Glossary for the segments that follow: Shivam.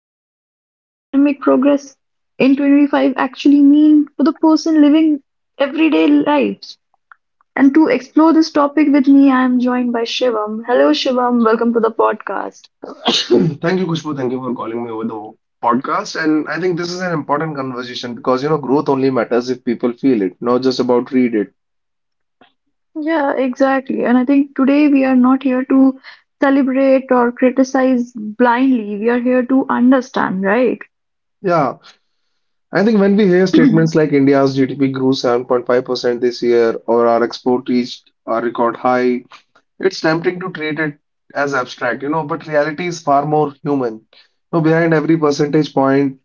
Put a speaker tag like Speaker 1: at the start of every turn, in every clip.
Speaker 1: What does India's economic progress in 2025 actually mean for the person living everyday lives? And to explore this topic with me, I am joined by Shivam. Hello, Shivam, welcome to the podcast.
Speaker 2: Thank you, Kushbu. Thank you for calling me over the podcast. And I think this is an important conversation because, you know, growth only matters if people feel it, not just about read it.
Speaker 1: Yeah, exactly. And I think today we are not here to celebrate or criticize blindly. We are here to understand, right?
Speaker 2: Yeah. I think when we hear statements like India's GDP grew 7.5% this year or our export reached a record high, it's tempting to treat it as abstract, you know, but reality is far more human. You know, behind every percentage point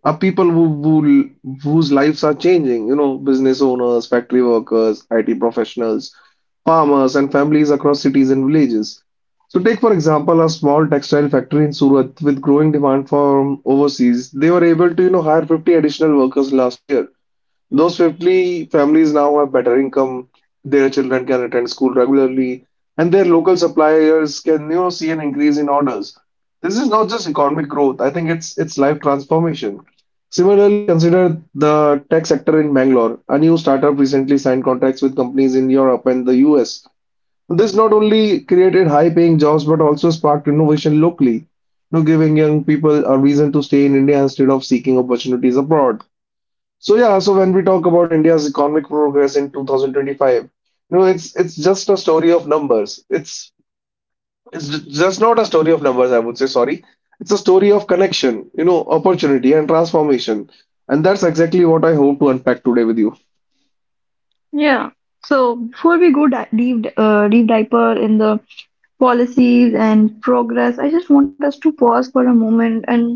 Speaker 2: are people whose lives are changing, you know, business owners, factory workers, IT professionals, farmers, and families across cities and villages. So, take for example a small textile factory in Surat with growing demand from overseas. They were able to, hire 50 additional workers last year. Those 50 families now have better income. Their children can attend school regularly, and their local suppliers can, see an increase in orders. This is not just economic growth. I think it's life transformation. Similarly, consider the tech sector in Bangalore. A new startup recently signed contracts with companies in Europe and the US. This not only created high-paying jobs but also sparked innovation locally, you know, giving young people a reason to stay in India instead of seeking opportunities abroad. So yeah, so when we talk about India's economic progress in 2025, you know, it's just a story of numbers. It's just not a story of numbers, I would say, sorry. It's a story of connection, you know, opportunity and transformation. And that's exactly what I hope to unpack today with you.
Speaker 1: Yeah. So before we go deep diaper in the policies and progress, I just want us to pause for a moment, and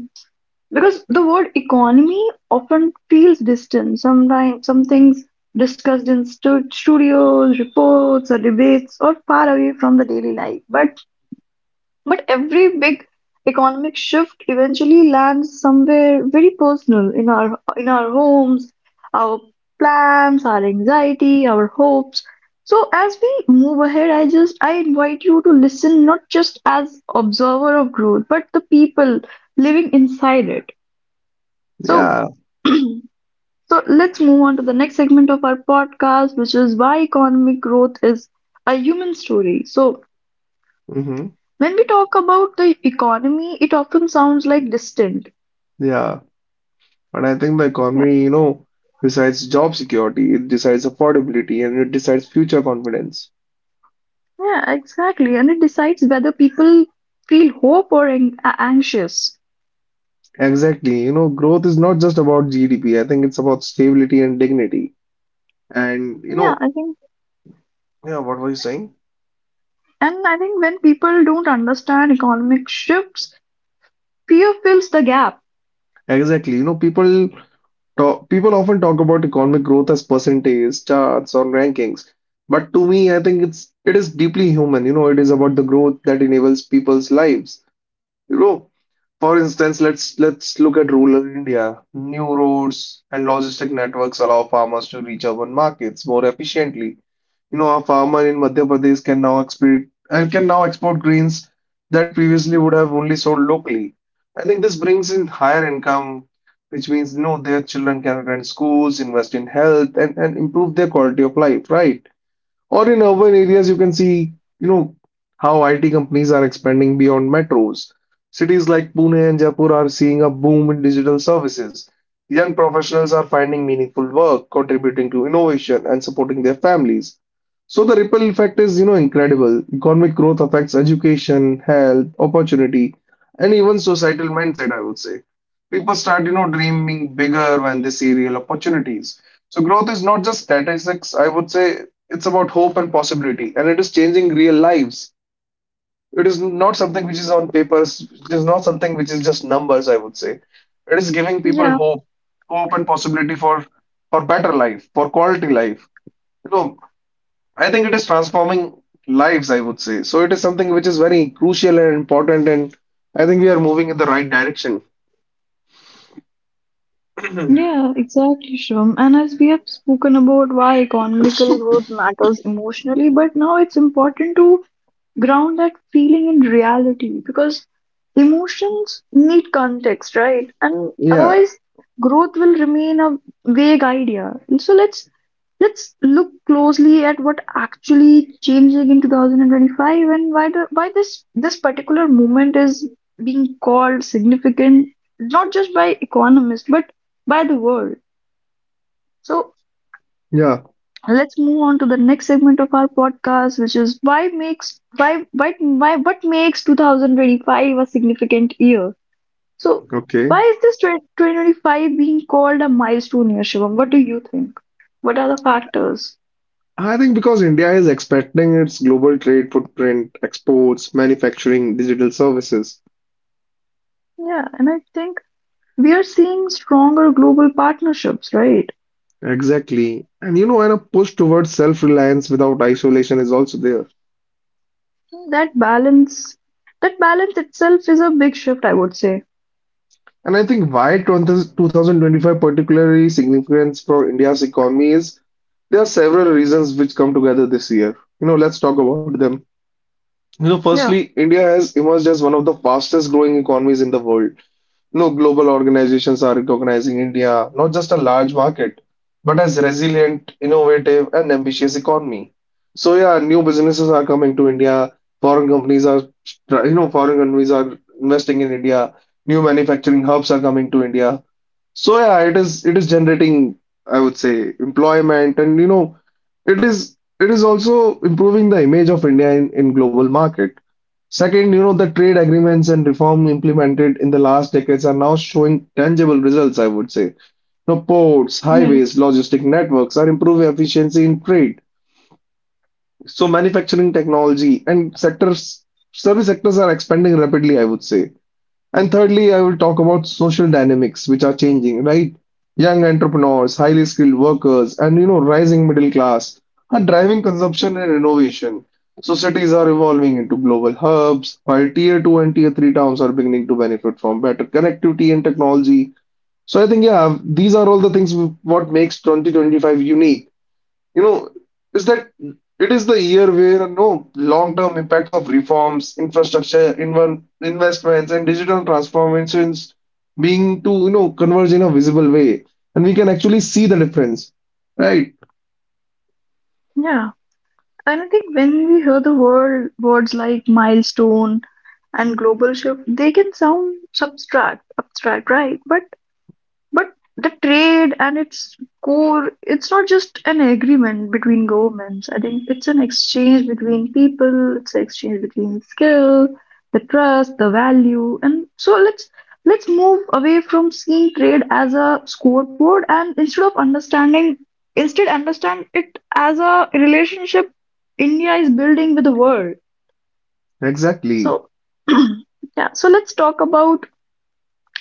Speaker 1: because the word economy often feels distant. Sometimes some things discussed in studios, reports, or debates or far away from the daily life. But every big economic shift eventually lands somewhere very personal in our homes, our plans, our anxiety, our hopes. So as we move ahead, I invite you to listen not just as observer of growth, but the people living inside it. So
Speaker 2: Yeah.
Speaker 1: so let's move on to the next segment of our podcast, which is why economic growth is a human story. So
Speaker 2: Hmm.
Speaker 1: when we talk about the economy, it often sounds like distant.
Speaker 2: Yeah. And I think the
Speaker 1: Yeah,
Speaker 2: economy, you know, besides job security, it decides affordability and it decides future confidence.
Speaker 1: yeah, exactly. And it decides whether people feel hope or anxious.
Speaker 2: Exactly. You know, growth is not just about GDP. I think it's about stability and dignity. And you
Speaker 1: Yeah,
Speaker 2: know,
Speaker 1: I think,
Speaker 2: yeah, what were you saying?
Speaker 1: and I think when people don't understand economic shifts, fear fills the gap.
Speaker 2: Exactly. You know, people often talk about economic growth as percentage, charts, or rankings. But to me, I think it is deeply human. You know, it is about the growth that enables people's lives. You know, for instance, let's look at rural India. New roads and logistic networks allow farmers to reach urban markets more efficiently. You know, a farmer in Madhya Pradesh can now export grains that previously would have only sold locally. I think this brings in higher income, which means you know their children can attend schools, invest in health, and improve their quality of life, right? Or in urban areas, you can see, you know, how IT companies are expanding beyond metros. Cities like Pune and Jaipur are seeing a boom in digital services. Young professionals are finding meaningful work, contributing to innovation and supporting their families. So the ripple effect is, you know, incredible. Economic growth affects education, health, opportunity, and even societal mindset, I would say. People start, you know, dreaming bigger when they see real opportunities. So growth is not just statistics. I would say it's about hope and possibility, and it is changing real lives. It is not something which is on papers. It is not something which is just numbers, I would say. It is giving people
Speaker 1: Yeah.
Speaker 2: hope, hope and possibility for better life, for quality life. You know, I think it is transforming lives, I would say. So it is something which is very crucial and important, and I think we are moving in the right direction.
Speaker 1: Yeah, exactly, Shum. And as we have spoken about why economical growth matters emotionally, but now it's important to ground that feeling in reality because emotions need context, right? And
Speaker 2: Yeah,
Speaker 1: otherwise, growth will remain a vague idea. And so let's look closely at what actually changing in 2025 and why this this particular moment is being called significant, not just by economists, but by the world. So
Speaker 2: yeah.
Speaker 1: let's move on to the next segment of our podcast, which is why makes why what makes 2025 a significant year? So
Speaker 2: Okay.
Speaker 1: why is this 2025 being called a milestone year, Shivam? What do you think? What are the factors?
Speaker 2: I think because India is expanding its global trade footprint, exports, manufacturing, digital services.
Speaker 1: Yeah, and I think we are seeing stronger global partnerships, right?
Speaker 2: Exactly. And you know, and a push towards self-reliance without isolation is also there.
Speaker 1: That balance, that balance itself is a big shift, I would say.
Speaker 2: And I think why 20 2025 particularly significant for India's economy is there are several reasons which come together this year. You know, let's talk about them. You know,
Speaker 1: Yeah.
Speaker 2: firstly, India has emerged as one of the fastest growing economies in the world. You know, global organizations are recognizing India not just a large market, but as resilient, innovative, and ambitious economy. So yeah, new businesses are coming to India. Foreign companies are, foreign companies are investing in India. New manufacturing hubs are coming to India. So yeah, it is generating, I would say, employment and you know, it is also improving the image of India in global market. Second, you know, the trade agreements and reform implemented in the last decades are now showing tangible results, I would say. You know, ports,
Speaker 1: Yeah.
Speaker 2: highways, logistic networks are improving efficiency in trade. So manufacturing technology and sectors, service sectors are expanding rapidly, I would say. And thirdly, I will talk about social dynamics which are changing, right? Young entrepreneurs, highly skilled workers, and you know, rising middle class are driving consumption and innovation. Societies are evolving into global hubs, while tier two and tier three towns are beginning to benefit from better connectivity and technology. So I think, yeah, these are all the things what makes 2025 unique, you know, is that it is the year where no long-term impacts of reforms, infrastructure, investments, and digital transformations being to you know converge in a visible way, and we can actually see the difference, right?
Speaker 1: Yeah. And I think when we hear the words like milestone and global shift, they can sound abstract, right? But the trade and its core, it's not just an agreement between governments. I think it's an exchange between people, it's an exchange between skill, the trust, the value. And so let's move away from seeing trade as a scoreboard, and instead understand it as a relationship India is building with the world.
Speaker 2: Exactly.
Speaker 1: So yeah, so let's talk about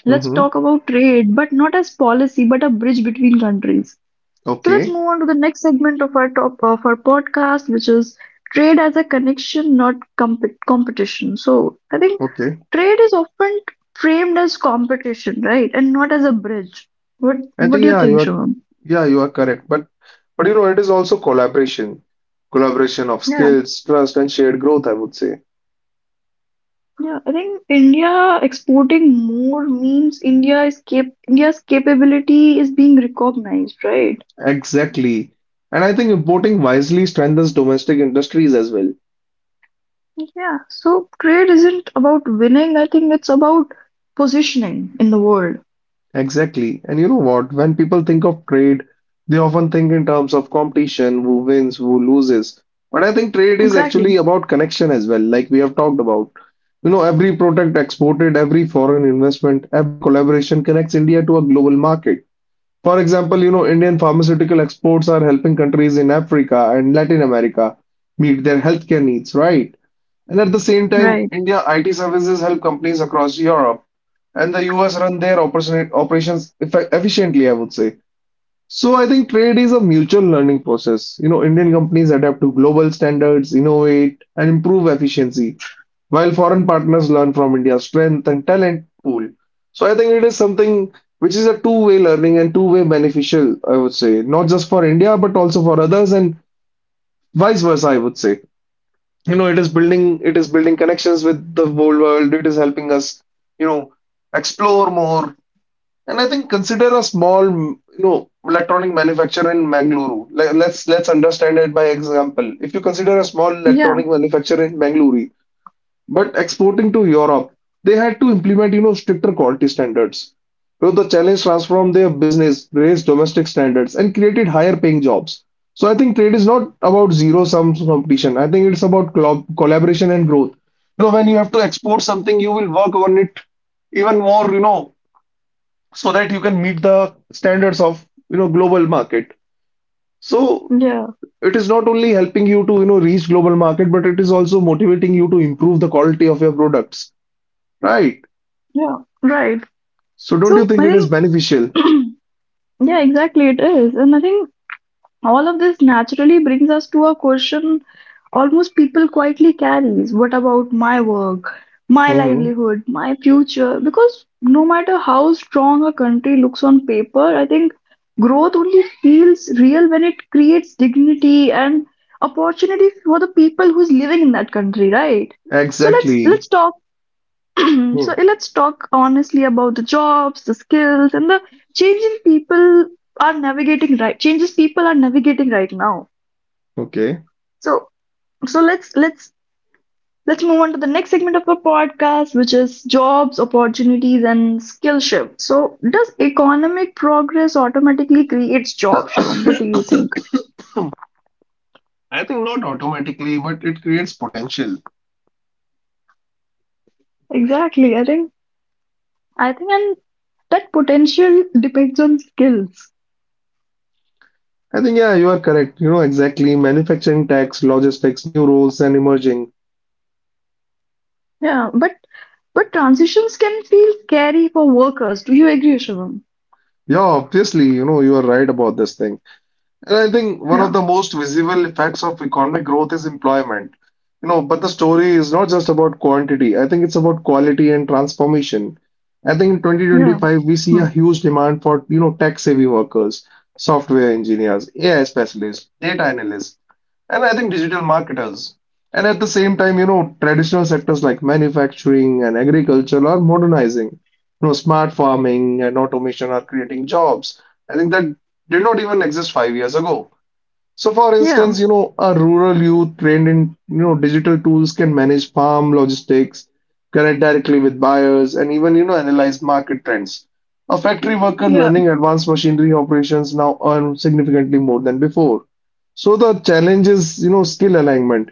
Speaker 1: Let's
Speaker 2: Mm-hmm.
Speaker 1: talk about trade, but not as policy, but a bridge between countries. So let's
Speaker 2: Okay.
Speaker 1: move on to the next segment of our top of our podcast, which is trade as a connection, not competition. So I think
Speaker 2: Okay.
Speaker 1: trade is often framed as competition, right, and not as a bridge. What
Speaker 2: I
Speaker 1: What
Speaker 2: think
Speaker 1: do you think, Shivam?
Speaker 2: yeah, you are correct. But you know, it is also collaboration, collaboration of
Speaker 1: Yeah,
Speaker 2: skills, trust, and shared growth, I would say.
Speaker 1: yeah. I think India exporting more means India is cap India's capability is being recognized, right?
Speaker 2: Exactly. And I think importing wisely strengthens domestic industries as well.
Speaker 1: Yeah, so trade isn't about winning. I think it's about positioning in the world.
Speaker 2: Exactly. And you know what? When people think of trade, they often think in terms of competition, who wins, who loses. But I think trade is
Speaker 1: Exactly.
Speaker 2: actually about connection as well, like we have talked about. You know, every product exported, every foreign investment, every collaboration connects India to a global market. For example, you know, Indian pharmaceutical exports are helping countries in Africa and Latin America meet their healthcare needs, right? And at the same time,
Speaker 1: Right.
Speaker 2: India IT services help companies across Europe and the US run their operations efficiently, I would say. So I think trade is a mutual learning process. You know, Indian companies adapt to global standards, innovate, and improve efficiency, while foreign partners learn from India's strength and talent pool. So I think it is something which is a two-way learning and two-way beneficial, I would say, not just for India but also for others and vice versa, I would say. You know, it is building connections with the whole world. It is helping us, you know, explore more, and I think consider a small, you know, electronic manufacturer in Mangaluru. Let's understand it by example. If you consider a small
Speaker 1: Yeah.
Speaker 2: electronic manufacturer in Mangaluru, but exporting to Europe, they had to implement, you know, stricter quality standards. So the challenge transformed their business, raised domestic standards, and created higher paying jobs. So I think trade is not about zero sum competition. I think it's about collaboration and growth. You know, when you have to export something, you will work on it even more, you know, so that you can meet the standards of you know global market, so
Speaker 1: Yeah.
Speaker 2: it is not only helping you to you know reach global market, but it is also motivating you to improve the quality of your products, right?
Speaker 1: Yeah. Right.
Speaker 2: So don't you
Speaker 1: So
Speaker 2: think
Speaker 1: I
Speaker 2: it is
Speaker 1: think,
Speaker 2: beneficial?
Speaker 1: yeah, exactly it is. And I think all of this naturally brings us to a question almost people quietly carries. What about my work, my
Speaker 2: Hmm,
Speaker 1: livelihood, my future? Because no matter how strong a country looks on paper, I think growth only feels real when it creates dignity and opportunity for the people who's living in that country, right? So let's
Speaker 2: exactly.
Speaker 1: let's talk, so
Speaker 2: Hmm.
Speaker 1: let's talk honestly about the jobs, the skills, and the changing people are navigating right changes people are navigating right now.
Speaker 2: Okay.
Speaker 1: So so let's let's let's move on to the next segment of our podcast, which is jobs, opportunities, and skill shift. So does economic progress automatically creates jobs, Shivam? What do you think?
Speaker 2: I think not automatically, but it creates potential.
Speaker 1: Exactly. I think and that potential depends on skills.
Speaker 2: I think yeah, you are correct, you know, exactly, manufacturing tax logistics new roles and emerging.
Speaker 1: Yeah, but transitions can feel scary for workers. Do you agree, Shivam?
Speaker 2: Yeah, obviously, you know, you are right about this thing. And I think one
Speaker 1: Yeah,
Speaker 2: of the most visible effects of economic growth is employment. You know, but the story is not just about quantity. I think it's about quality and transformation. I think in
Speaker 1: yeah,
Speaker 2: 2025 we see
Speaker 1: hmm.
Speaker 2: a huge demand for, you know, tech-savvy workers, software engineers, AI specialists, data analysts, and I think digital marketers. And at the same time, you know, traditional sectors like manufacturing and agriculture are modernizing. You know, smart farming and automation are creating jobs. I think that did not even exist 5 years ago. So, for
Speaker 1: Yeah,
Speaker 2: instance, you know, a rural youth trained in, you know, digital tools can manage farm logistics, connect directly with buyers, and even, you know, analyze market trends. A factory worker
Speaker 1: yeah,
Speaker 2: learning advanced machinery operations now earn significantly more than before. So the challenge is, you know, skill alignment.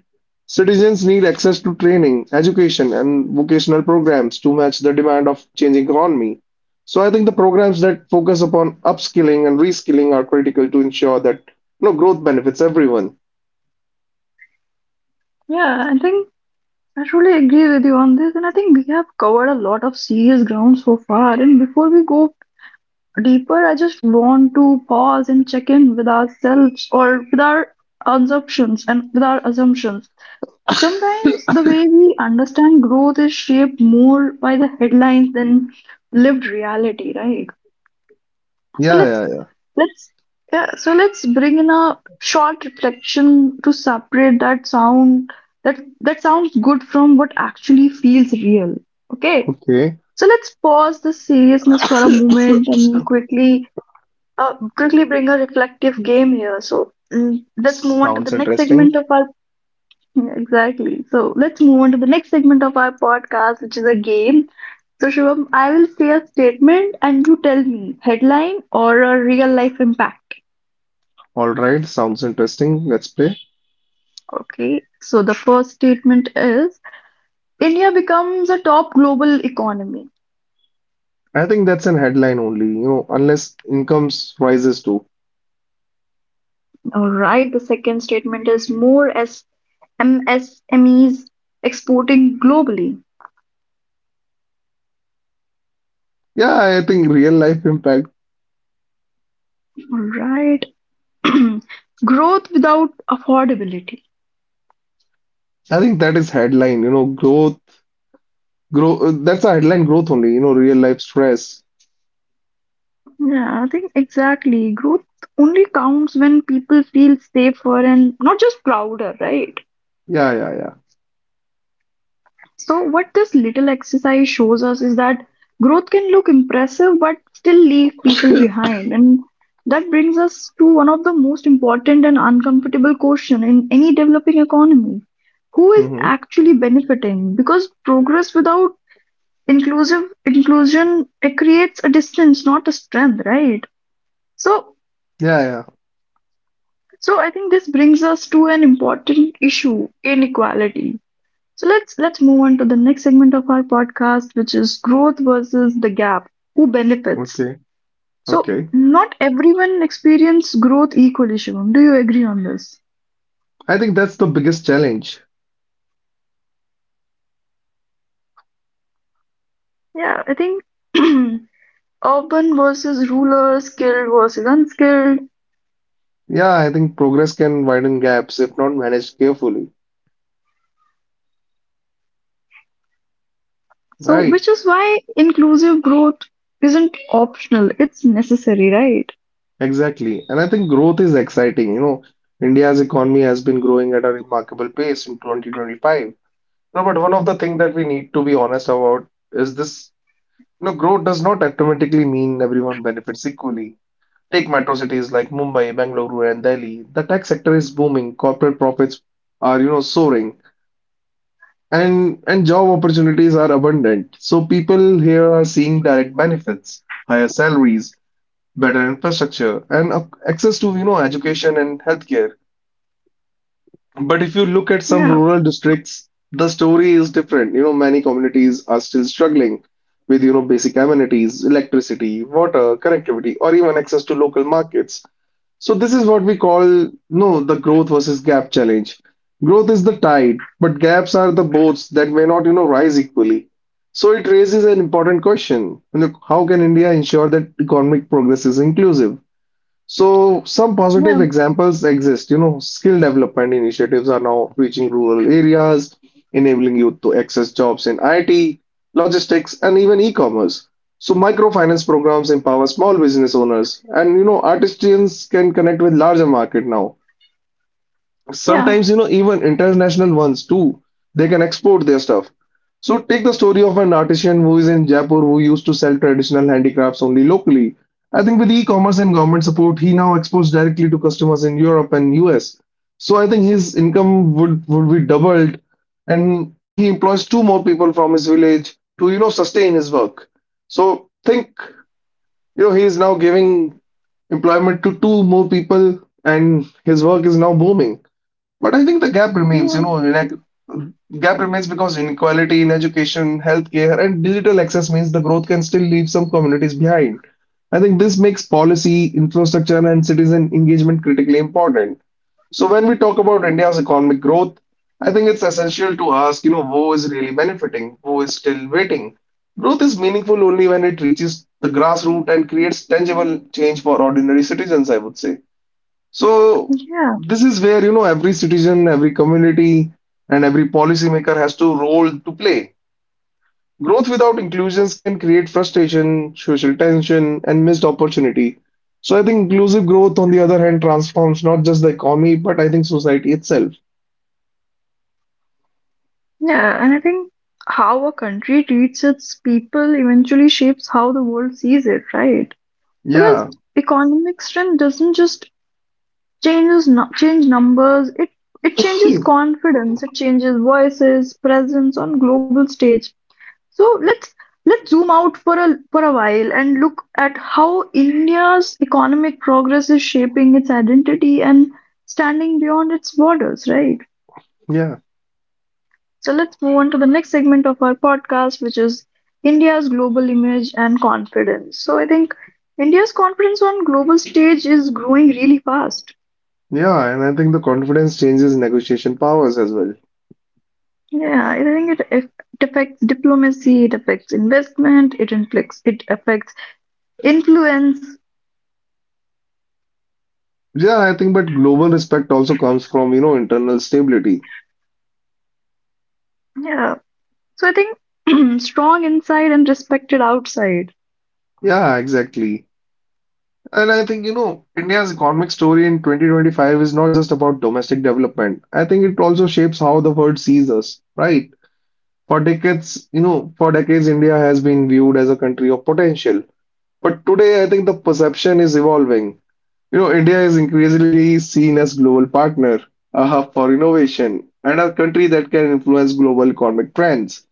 Speaker 2: Citizens need access to training, education, and vocational programs to match the demand of changing economy. So I think the programs that focus upon upskilling and reskilling are critical to ensure that no, growth benefits everyone.
Speaker 1: yeah. I think I truly agree with you on this, and I think we have covered a lot of serious ground so far. And before we go deeper, I just want to pause and check in with ourselves or with our assumptions. Sometimes the way we understand growth is shaped more by the headlines than lived reality, right? So
Speaker 2: Yeah, yeah, yeah.
Speaker 1: Let's let's bring in a short reflection to separate that sound that sounds good from what actually feels real. Okay,
Speaker 2: Okay.
Speaker 1: so let's pause the seriousness for a moment and quickly bring a reflective game here. So let's move on to the
Speaker 2: Sounds
Speaker 1: next segment
Speaker 2: interesting.
Speaker 1: of our, yeah, exactly. So let's move on to the next segment of our podcast, which is a game. So Shivam, I will say a statement and you tell me headline or a real life impact.
Speaker 2: All right, sounds interesting. Let's play.
Speaker 1: Okay, so the first statement is: India becomes a top global economy.
Speaker 2: I think that's an headline only, you know, unless incomes rises too.
Speaker 1: All right, the second statement is more as MSMEs exporting globally.
Speaker 2: Yeah, I think real life impact.
Speaker 1: All right, growth without affordability.
Speaker 2: I think that is headline, you know, growth, grow. That's a headline growth only, you know, real life stress.
Speaker 1: Yeah, I think exactly. Growth only counts when people feel safer and not just prouder, right?
Speaker 2: Yeah, yeah, yeah.
Speaker 1: So, what this little exercise shows us is that growth can look impressive but still leave people behind. And that brings us to one of the most important and uncomfortable question in any developing economy. Who is
Speaker 2: Mm-hmm.
Speaker 1: actually benefiting? Because progress without inclusive inclusion it creates a distance, not a strength, right? So
Speaker 2: Yeah, yeah.
Speaker 1: so I think this brings us to an important issue: inequality. So let's move on to the next segment of our podcast, which is growth versus the gap. Who benefits?
Speaker 2: Okay,
Speaker 1: So
Speaker 2: okay.
Speaker 1: not everyone experience growth equally, Shivam. Do you agree on this?
Speaker 2: I think that's the biggest challenge.
Speaker 1: Yeah, I think, urban versus rural, skilled versus unskilled.
Speaker 2: Yeah, I think progress can widen gaps if not managed carefully.
Speaker 1: So
Speaker 2: Right.
Speaker 1: which is why inclusive growth isn't optional. It's necessary, right?
Speaker 2: Exactly. And I think growth is exciting. India's economy has been growing at a remarkable pace in 2025. No, but one of the things that we need to be honest about is this, growth does not automatically mean everyone benefits equally. Take metro cities like Mumbai, Bangalore, and Delhi. The tech sector is booming, corporate profits are, soaring, and job opportunities are abundant. So people here are seeing direct benefits, higher salaries, better infrastructure and access to education and healthcare. But if you look at
Speaker 1: Yeah,
Speaker 2: some rural districts, the story is different. Many communities are still struggling with basic amenities, electricity, water, connectivity, or even access to local markets. So this is what we call no the growth versus gap challenge. Growth is the tide, but gaps are the boats that may not rise equally. So it raises an important question. You How can India ensure that economic progress is inclusive? So some
Speaker 1: yeah,
Speaker 2: positive examples exist. Skill development initiatives are now reaching rural areas, enabling youth to access jobs in IT, logistics, and even e-commerce. So microfinance programs empower small business owners, and artisans can connect with larger market now.
Speaker 1: yeah,
Speaker 2: Sometimes, even international ones too, they can export their stuff. So take the story of an artisan who is in Jaipur who used to sell traditional handicrafts only locally. I think with e-commerce and government support, he now exports directly to customers in Europe and US. So I think his income would be doubled, and he employs two more people from his village to, sustain his work. So think, he is now giving employment to two more people and his work is now booming. But I think the gap remains, you
Speaker 1: yeah,
Speaker 2: know, like gap remains because inequality in education, healthcare, and digital access means the growth can still leave some communities behind. I think this makes policy, infrastructure, and citizen engagement critically important. So when we talk about India's economic growth, I think it's essential to ask, who is really benefiting, who is still waiting. Growth is meaningful only when it reaches the grassroots and creates tangible change for ordinary citizens, I would say. So
Speaker 1: yeah.
Speaker 2: this is where, every citizen, every community, and every policymaker has to role to play. Growth without inclusions can create frustration, social tension, and missed opportunity. So I think inclusive growth, on the other hand, transforms not just the economy, but I think society itself.
Speaker 1: Yeah, and I think how a country treats its people eventually shapes how the world sees it, right?
Speaker 2: Yeah,
Speaker 1: Because economic strength doesn't change numbers, it changes confidence, it changes voices, presence on global stage. So let's zoom out for a while and look at how India's economic progress is shaping its identity and standing beyond its borders, right?
Speaker 2: yeah,
Speaker 1: So let's move on to the next segment of our podcast, which is India's global image and confidence. So I think India's confidence on global stage is growing really fast.
Speaker 2: yeah. And I think the confidence changes negotiation powers as well.
Speaker 1: Yeah, I think it, if- it affects diplomacy, it affects investment, it affects influence.
Speaker 2: Yeah, I think, but global respect also comes from, internal stability.
Speaker 1: Yeah. So I think, strong inside and respected outside.
Speaker 2: Yeah, exactly. And I think, India's economic story in 2025 is not just about domestic development. I think it also shapes how the world sees us, right? For decades, India has been viewed as a country of potential. But today, I think the perception is evolving. India is increasingly seen as global partner, a hub for innovation, and a country that can influence global economic trends.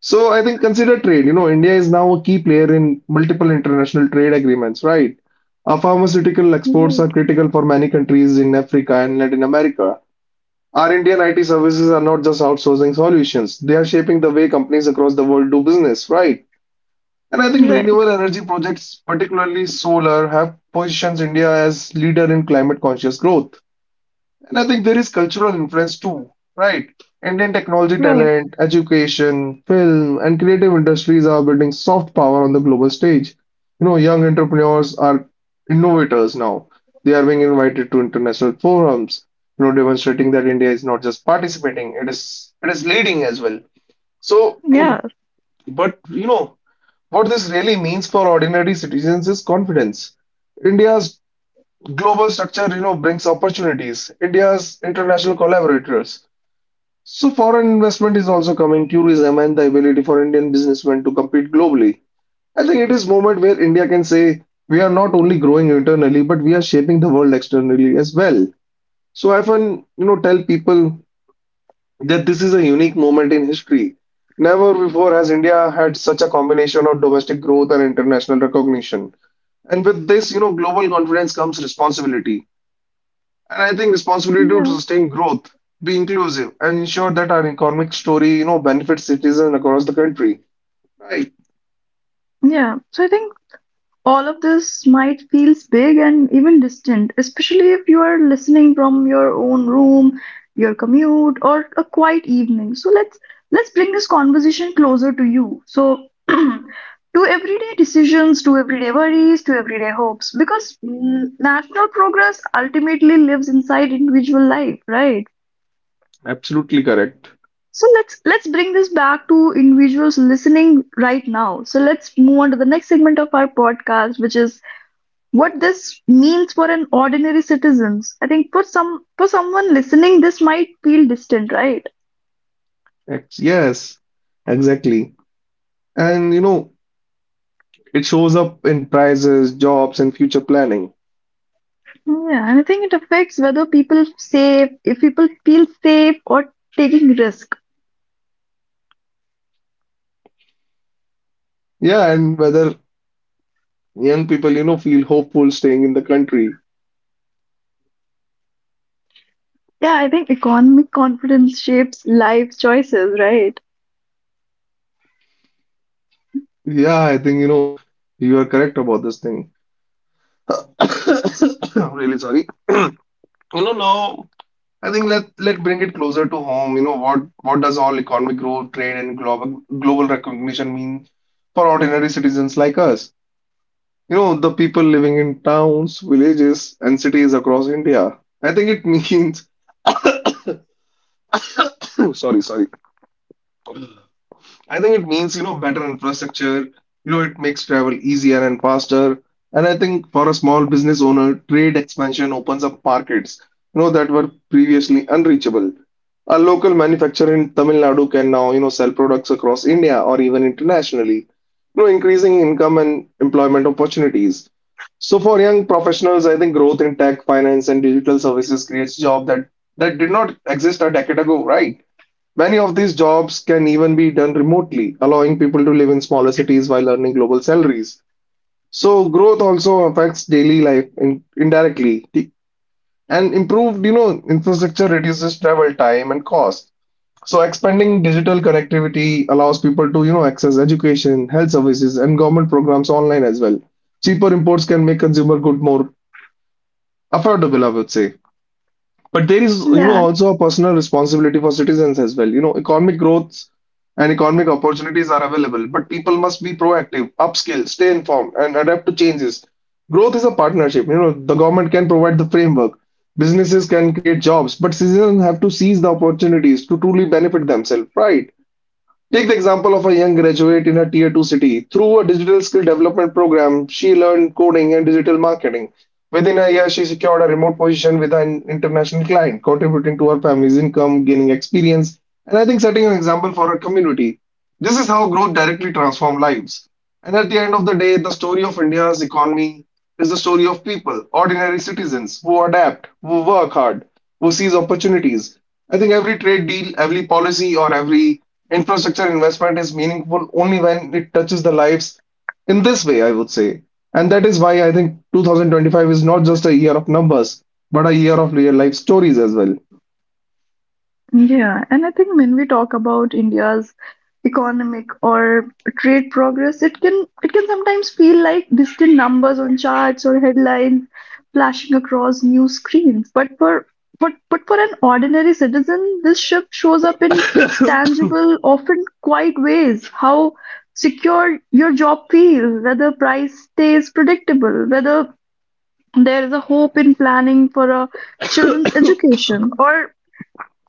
Speaker 2: So I think consider trade. India is now a key player in multiple international trade agreements, right? Our pharmaceutical exports are
Speaker 1: Right.
Speaker 2: critical for many countries in Africa and Latin America. Our Indian IT services are not just outsourcing solutions, they are shaping the way companies across the world do business, right? And I think
Speaker 1: Right.
Speaker 2: renewable energy projects, particularly solar, have positions India as leader in climate conscious growth. And I think there is cultural influence too, right? Indian technology
Speaker 1: Right.
Speaker 2: talent, education, film, and creative industries are building soft power on the global stage. Young entrepreneurs are innovators now. They are being invited to international forums, demonstrating that India is not just participating, it is leading as well. So,
Speaker 1: Yeah.
Speaker 2: but what this really means for ordinary citizens is confidence. India's global structure, brings opportunities. India's international collaborators. So foreign investment is also coming, tourism and the ability for Indian businessmen to compete globally. I think it is moment where India can say we are not only growing internally, but we are shaping the world externally as well. So I often, tell people that this is a unique moment in history. Never before has India had such a combination of domestic growth and international recognition. And with this, global confidence comes responsibility. And I think responsibility to
Speaker 1: Yeah.
Speaker 2: sustain growth, be inclusive, and ensure that our economic story, benefits citizens across the country. Right.
Speaker 1: Yeah. So I think all of this might feels big and even distant, especially if you are listening from your own room, your commute, or a quiet evening. So let's bring this conversation closer to you. So to everyday decisions, to everyday worries, to everyday hopes, because national progress ultimately lives inside individual life, right?
Speaker 2: Absolutely correct.
Speaker 1: So let's bring this back to individuals listening right now. So let's move on to the next segment of our podcast, which is what this means for an ordinary citizens. I think for someone listening, this might feel distant, right?
Speaker 2: Yes, exactly. And it shows up in prices, jobs, and future planning.
Speaker 1: Yeah, and I think it affects whether people safe if people feel safe or taking risk.
Speaker 2: Yeah, and whether young people, feel hopeful staying in the country.
Speaker 1: Yeah, I think economic confidence shapes life choices, right?
Speaker 2: Yeah, I think, you are correct about this thing. I'm really sorry. You know, now I think let bring it closer to home. You know what does all economic growth, trade, and global recognition mean for ordinary citizens like us? You know the people living in towns, villages, and cities across India. I think it means sorry, I think it means, better infrastructure, it makes travel easier and faster. And I think for a small business owner, trade expansion opens up markets, that were previously unreachable. A local manufacturer in Tamil Nadu can now, sell products across India or even internationally, increasing income and employment opportunities. So for young professionals, I think growth in tech, finance, and digital services creates jobs that did not exist a decade ago, right? Many of these jobs can even be done remotely, allowing people to live in smaller cities while earning global salaries. So growth also affects daily life, indirectly. And improved, infrastructure reduces travel time and cost. So expanding digital connectivity allows people to, access education, health services, and government programs online as well. Cheaper imports can make consumer good more affordable, I would say. But there is,
Speaker 1: Yeah,
Speaker 2: also a personal responsibility for citizens as well. Economic growth and economic opportunities are available, but people must be proactive, upskill, stay informed, and adapt to changes. Growth is a partnership. The government can provide the framework, businesses can create jobs, but citizens have to seize the opportunities to truly benefit themselves, right? Take the example of a young graduate in a tier 2 city. Through a digital skill development program, she learned coding and digital marketing. Within a year, she secured a remote position with an international client, contributing to her family's income, gaining experience, and I think setting an example for her community. This is how growth directly transforms lives. And at the end of the day, the story of India's economy is the story of people, ordinary citizens who adapt, who work hard, who seize opportunities. I think every trade deal, every policy, or every infrastructure investment is meaningful only when it touches the lives in this way, I would say. And that is why I think 2025 is not just a year of numbers, but a year of real life stories as well.
Speaker 1: yeah, and I think when we talk about India's economic or trade progress, it can sometimes feel like distant numbers on charts or headlines flashing across news screens. But for an ordinary citizen, this shift shows up in tangible, often quiet ways. How secure your job feels, whether price stays predictable, whether there is a hope in planning for a children's education,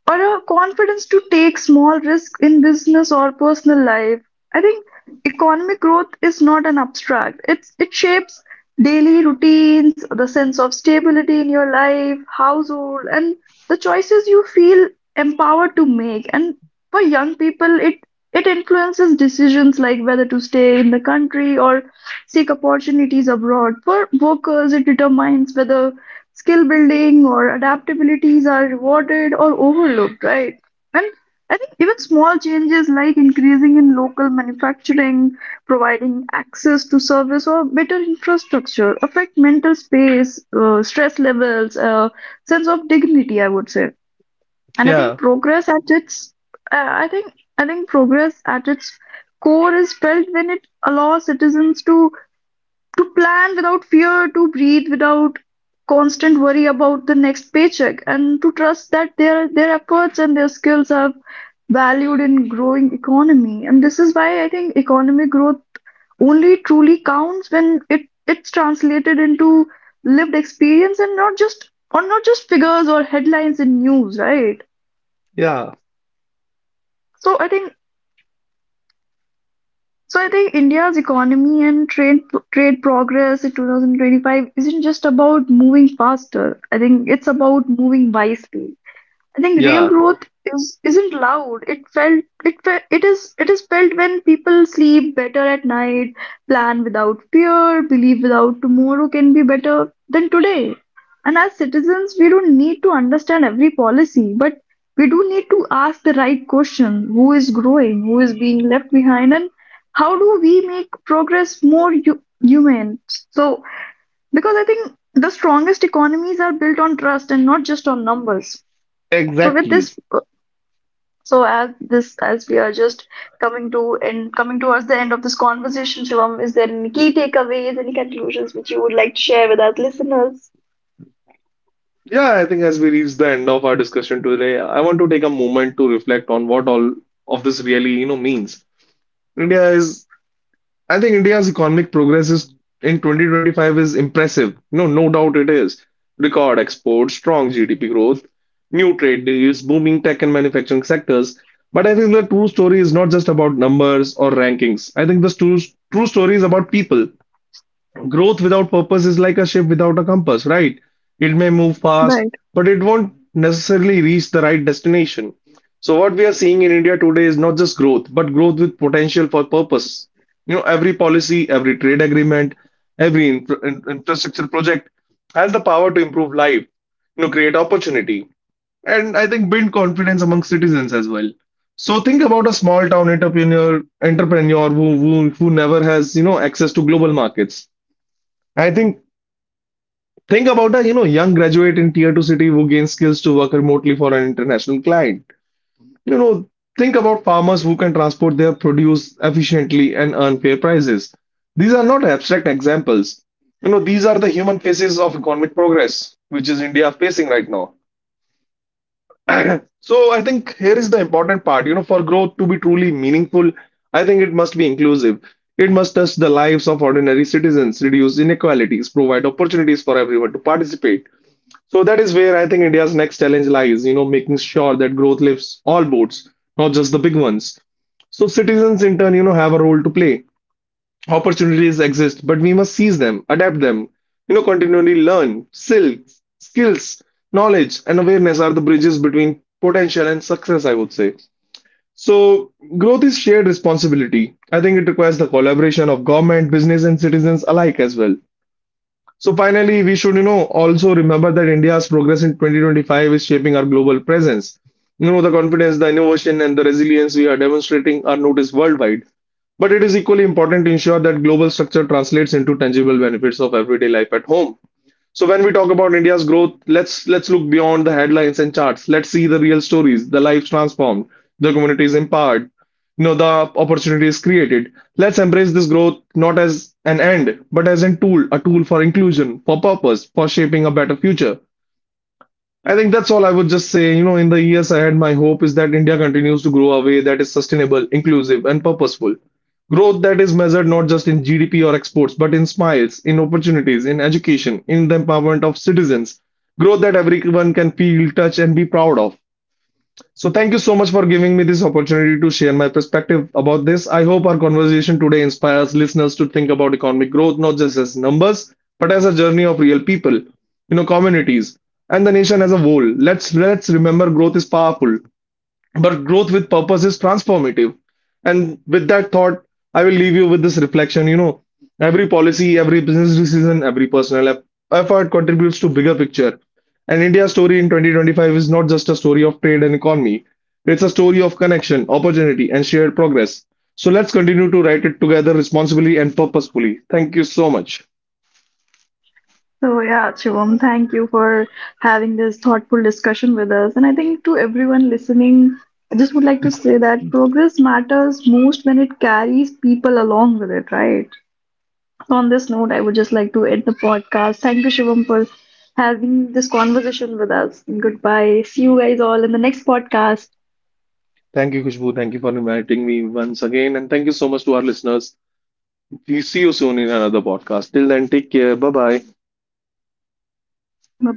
Speaker 1: or a confidence to take small risks in business or personal life. I think economic growth is not an abstract. It shapes daily routines, the sense of stability in your life, household, and the choices you feel empowered to make. And for young people, it influences decisions like whether to stay in the country or seek opportunities abroad. For workers, it determines whether skill building or adaptabilities are rewarded or overlooked, right? And I think even small changes like increasing in local manufacturing, providing access to service or better infrastructure affect mental space, stress levels, sense of dignity, I would say. And
Speaker 2: Yeah,
Speaker 1: I think progress at its core is felt when it allows citizens to plan without fear, to breathe without constant worry about the next paycheck, and to trust that their efforts and their skills are valued in growing economy. And this is why I think economic growth only truly counts when it's translated into lived experience and not just figures or headlines in news, right?
Speaker 2: yeah,
Speaker 1: So I think So I think India's economy and trade progress in 2025 isn't just about moving faster. I think it's about moving wisely. I think real
Speaker 2: yeah,
Speaker 1: growth is isn't loud. It felt it fe- it is felt when people sleep better at night, plan without fear, believe without tomorrow can be better than today. And as citizens, we don't need to understand every policy, but we do need to ask the right question: Who is growing? Who is being left behind? And how do we make progress more human? So, because I think the strongest economies are built on trust and not just on numbers. So with
Speaker 2: exactly.
Speaker 1: this, as we are just coming to and coming towards the end of this conversation, Shivam, is there any key takeaways, any conclusions which you would like to share with our listeners?
Speaker 2: Yeah, I think as we reach the end of our discussion today, I want to take a moment to reflect on what all of this really, means. India is, I think India's economic progress is in 2025 is impressive. No, no doubt it is. Record exports, strong GDP growth, new trade deals, booming tech and manufacturing sectors. But I think the true story is not just about numbers or rankings. I think the true story is about people. Growth without purpose is like a ship without a compass, right? It may move fast,
Speaker 1: Right.
Speaker 2: but it won't necessarily reach the right destination. So, what we are seeing in India today is not just growth, but growth with potential for purpose. Every policy, every trade agreement, every infrastructure project has the power to improve life, create opportunity, and I think build confidence among citizens as well. So think about a small town entrepreneur who, who never has access to global markets. I think about a young graduate in tier two city who gains skills to work remotely for an international client. You know, think about farmers who can transport their produce efficiently and earn fair prices. These are not abstract examples. These are the human faces of economic progress, which is India facing right now. So I think here is the important part. For growth to be truly meaningful, I think it must be inclusive. It must touch the lives of ordinary citizens, reduce inequalities, provide opportunities for everyone to participate. So that is where I think India's next challenge lies, making sure that growth lifts all boats, not just the big ones. So citizens in turn, have a role to play. Opportunities exist, but we must seize them, adapt them, continually learn. Sil Skills, knowledge, and awareness are the bridges between potential and success, I would say. So growth is shared responsibility. I think it requires the collaboration of government, business, and citizens alike as well. So finally, we should, also remember that India's progress in 2025 is shaping our global presence. The confidence, the innovation, and the resilience we are demonstrating are noticed worldwide. But it is equally important to ensure that global structure translates into tangible benefits of everyday life at home. So when we talk about India's growth, let's look beyond the headlines and charts. Let's see the real stories, the lives transformed, the communities empowered, the opportunities created. Let's embrace this growth not as an end, but as a tool for inclusion, for purpose, for shaping a better future. I think that's all I would just say. In the years ahead, my hope is that India continues to grow a way that is sustainable, inclusive, and purposeful. Growth that is measured not just in GDP or exports, but in smiles, in opportunities, in education, in the empowerment of citizens. Growth that everyone can feel, touch, and be proud of. So thank you so much for giving me this opportunity to share my perspective about this. I hope our conversation today inspires listeners to think about economic growth not just as numbers, but as a journey of real people, communities, and the nation as a whole. Let's remember growth is powerful. But growth with purpose is transformative. And with that thought, I will leave you with this reflection. Every policy, every business decision, every effort contributes to bigger picture. And India's story in 2025 is not just a story of trade and economy. It's a story of connection, opportunity, and shared progress. So let's continue to write it together responsibly and purposefully. Thank you so much.
Speaker 1: So, yeah, Shivam, thank you for having this thoughtful discussion with us. And I think to everyone listening, I just would like to say that progress matters most when it carries people along with it, right? On this note, I would just like to end the podcast. Thank you, Shivam, for having this conversation with us. Goodbye. See you guys all in the next podcast.
Speaker 2: Thank you, Khushbu. Thank you for inviting me once again. And thank you so much to our listeners. We see you soon in another podcast. Till then, take care. Bye bye.
Speaker 1: Bye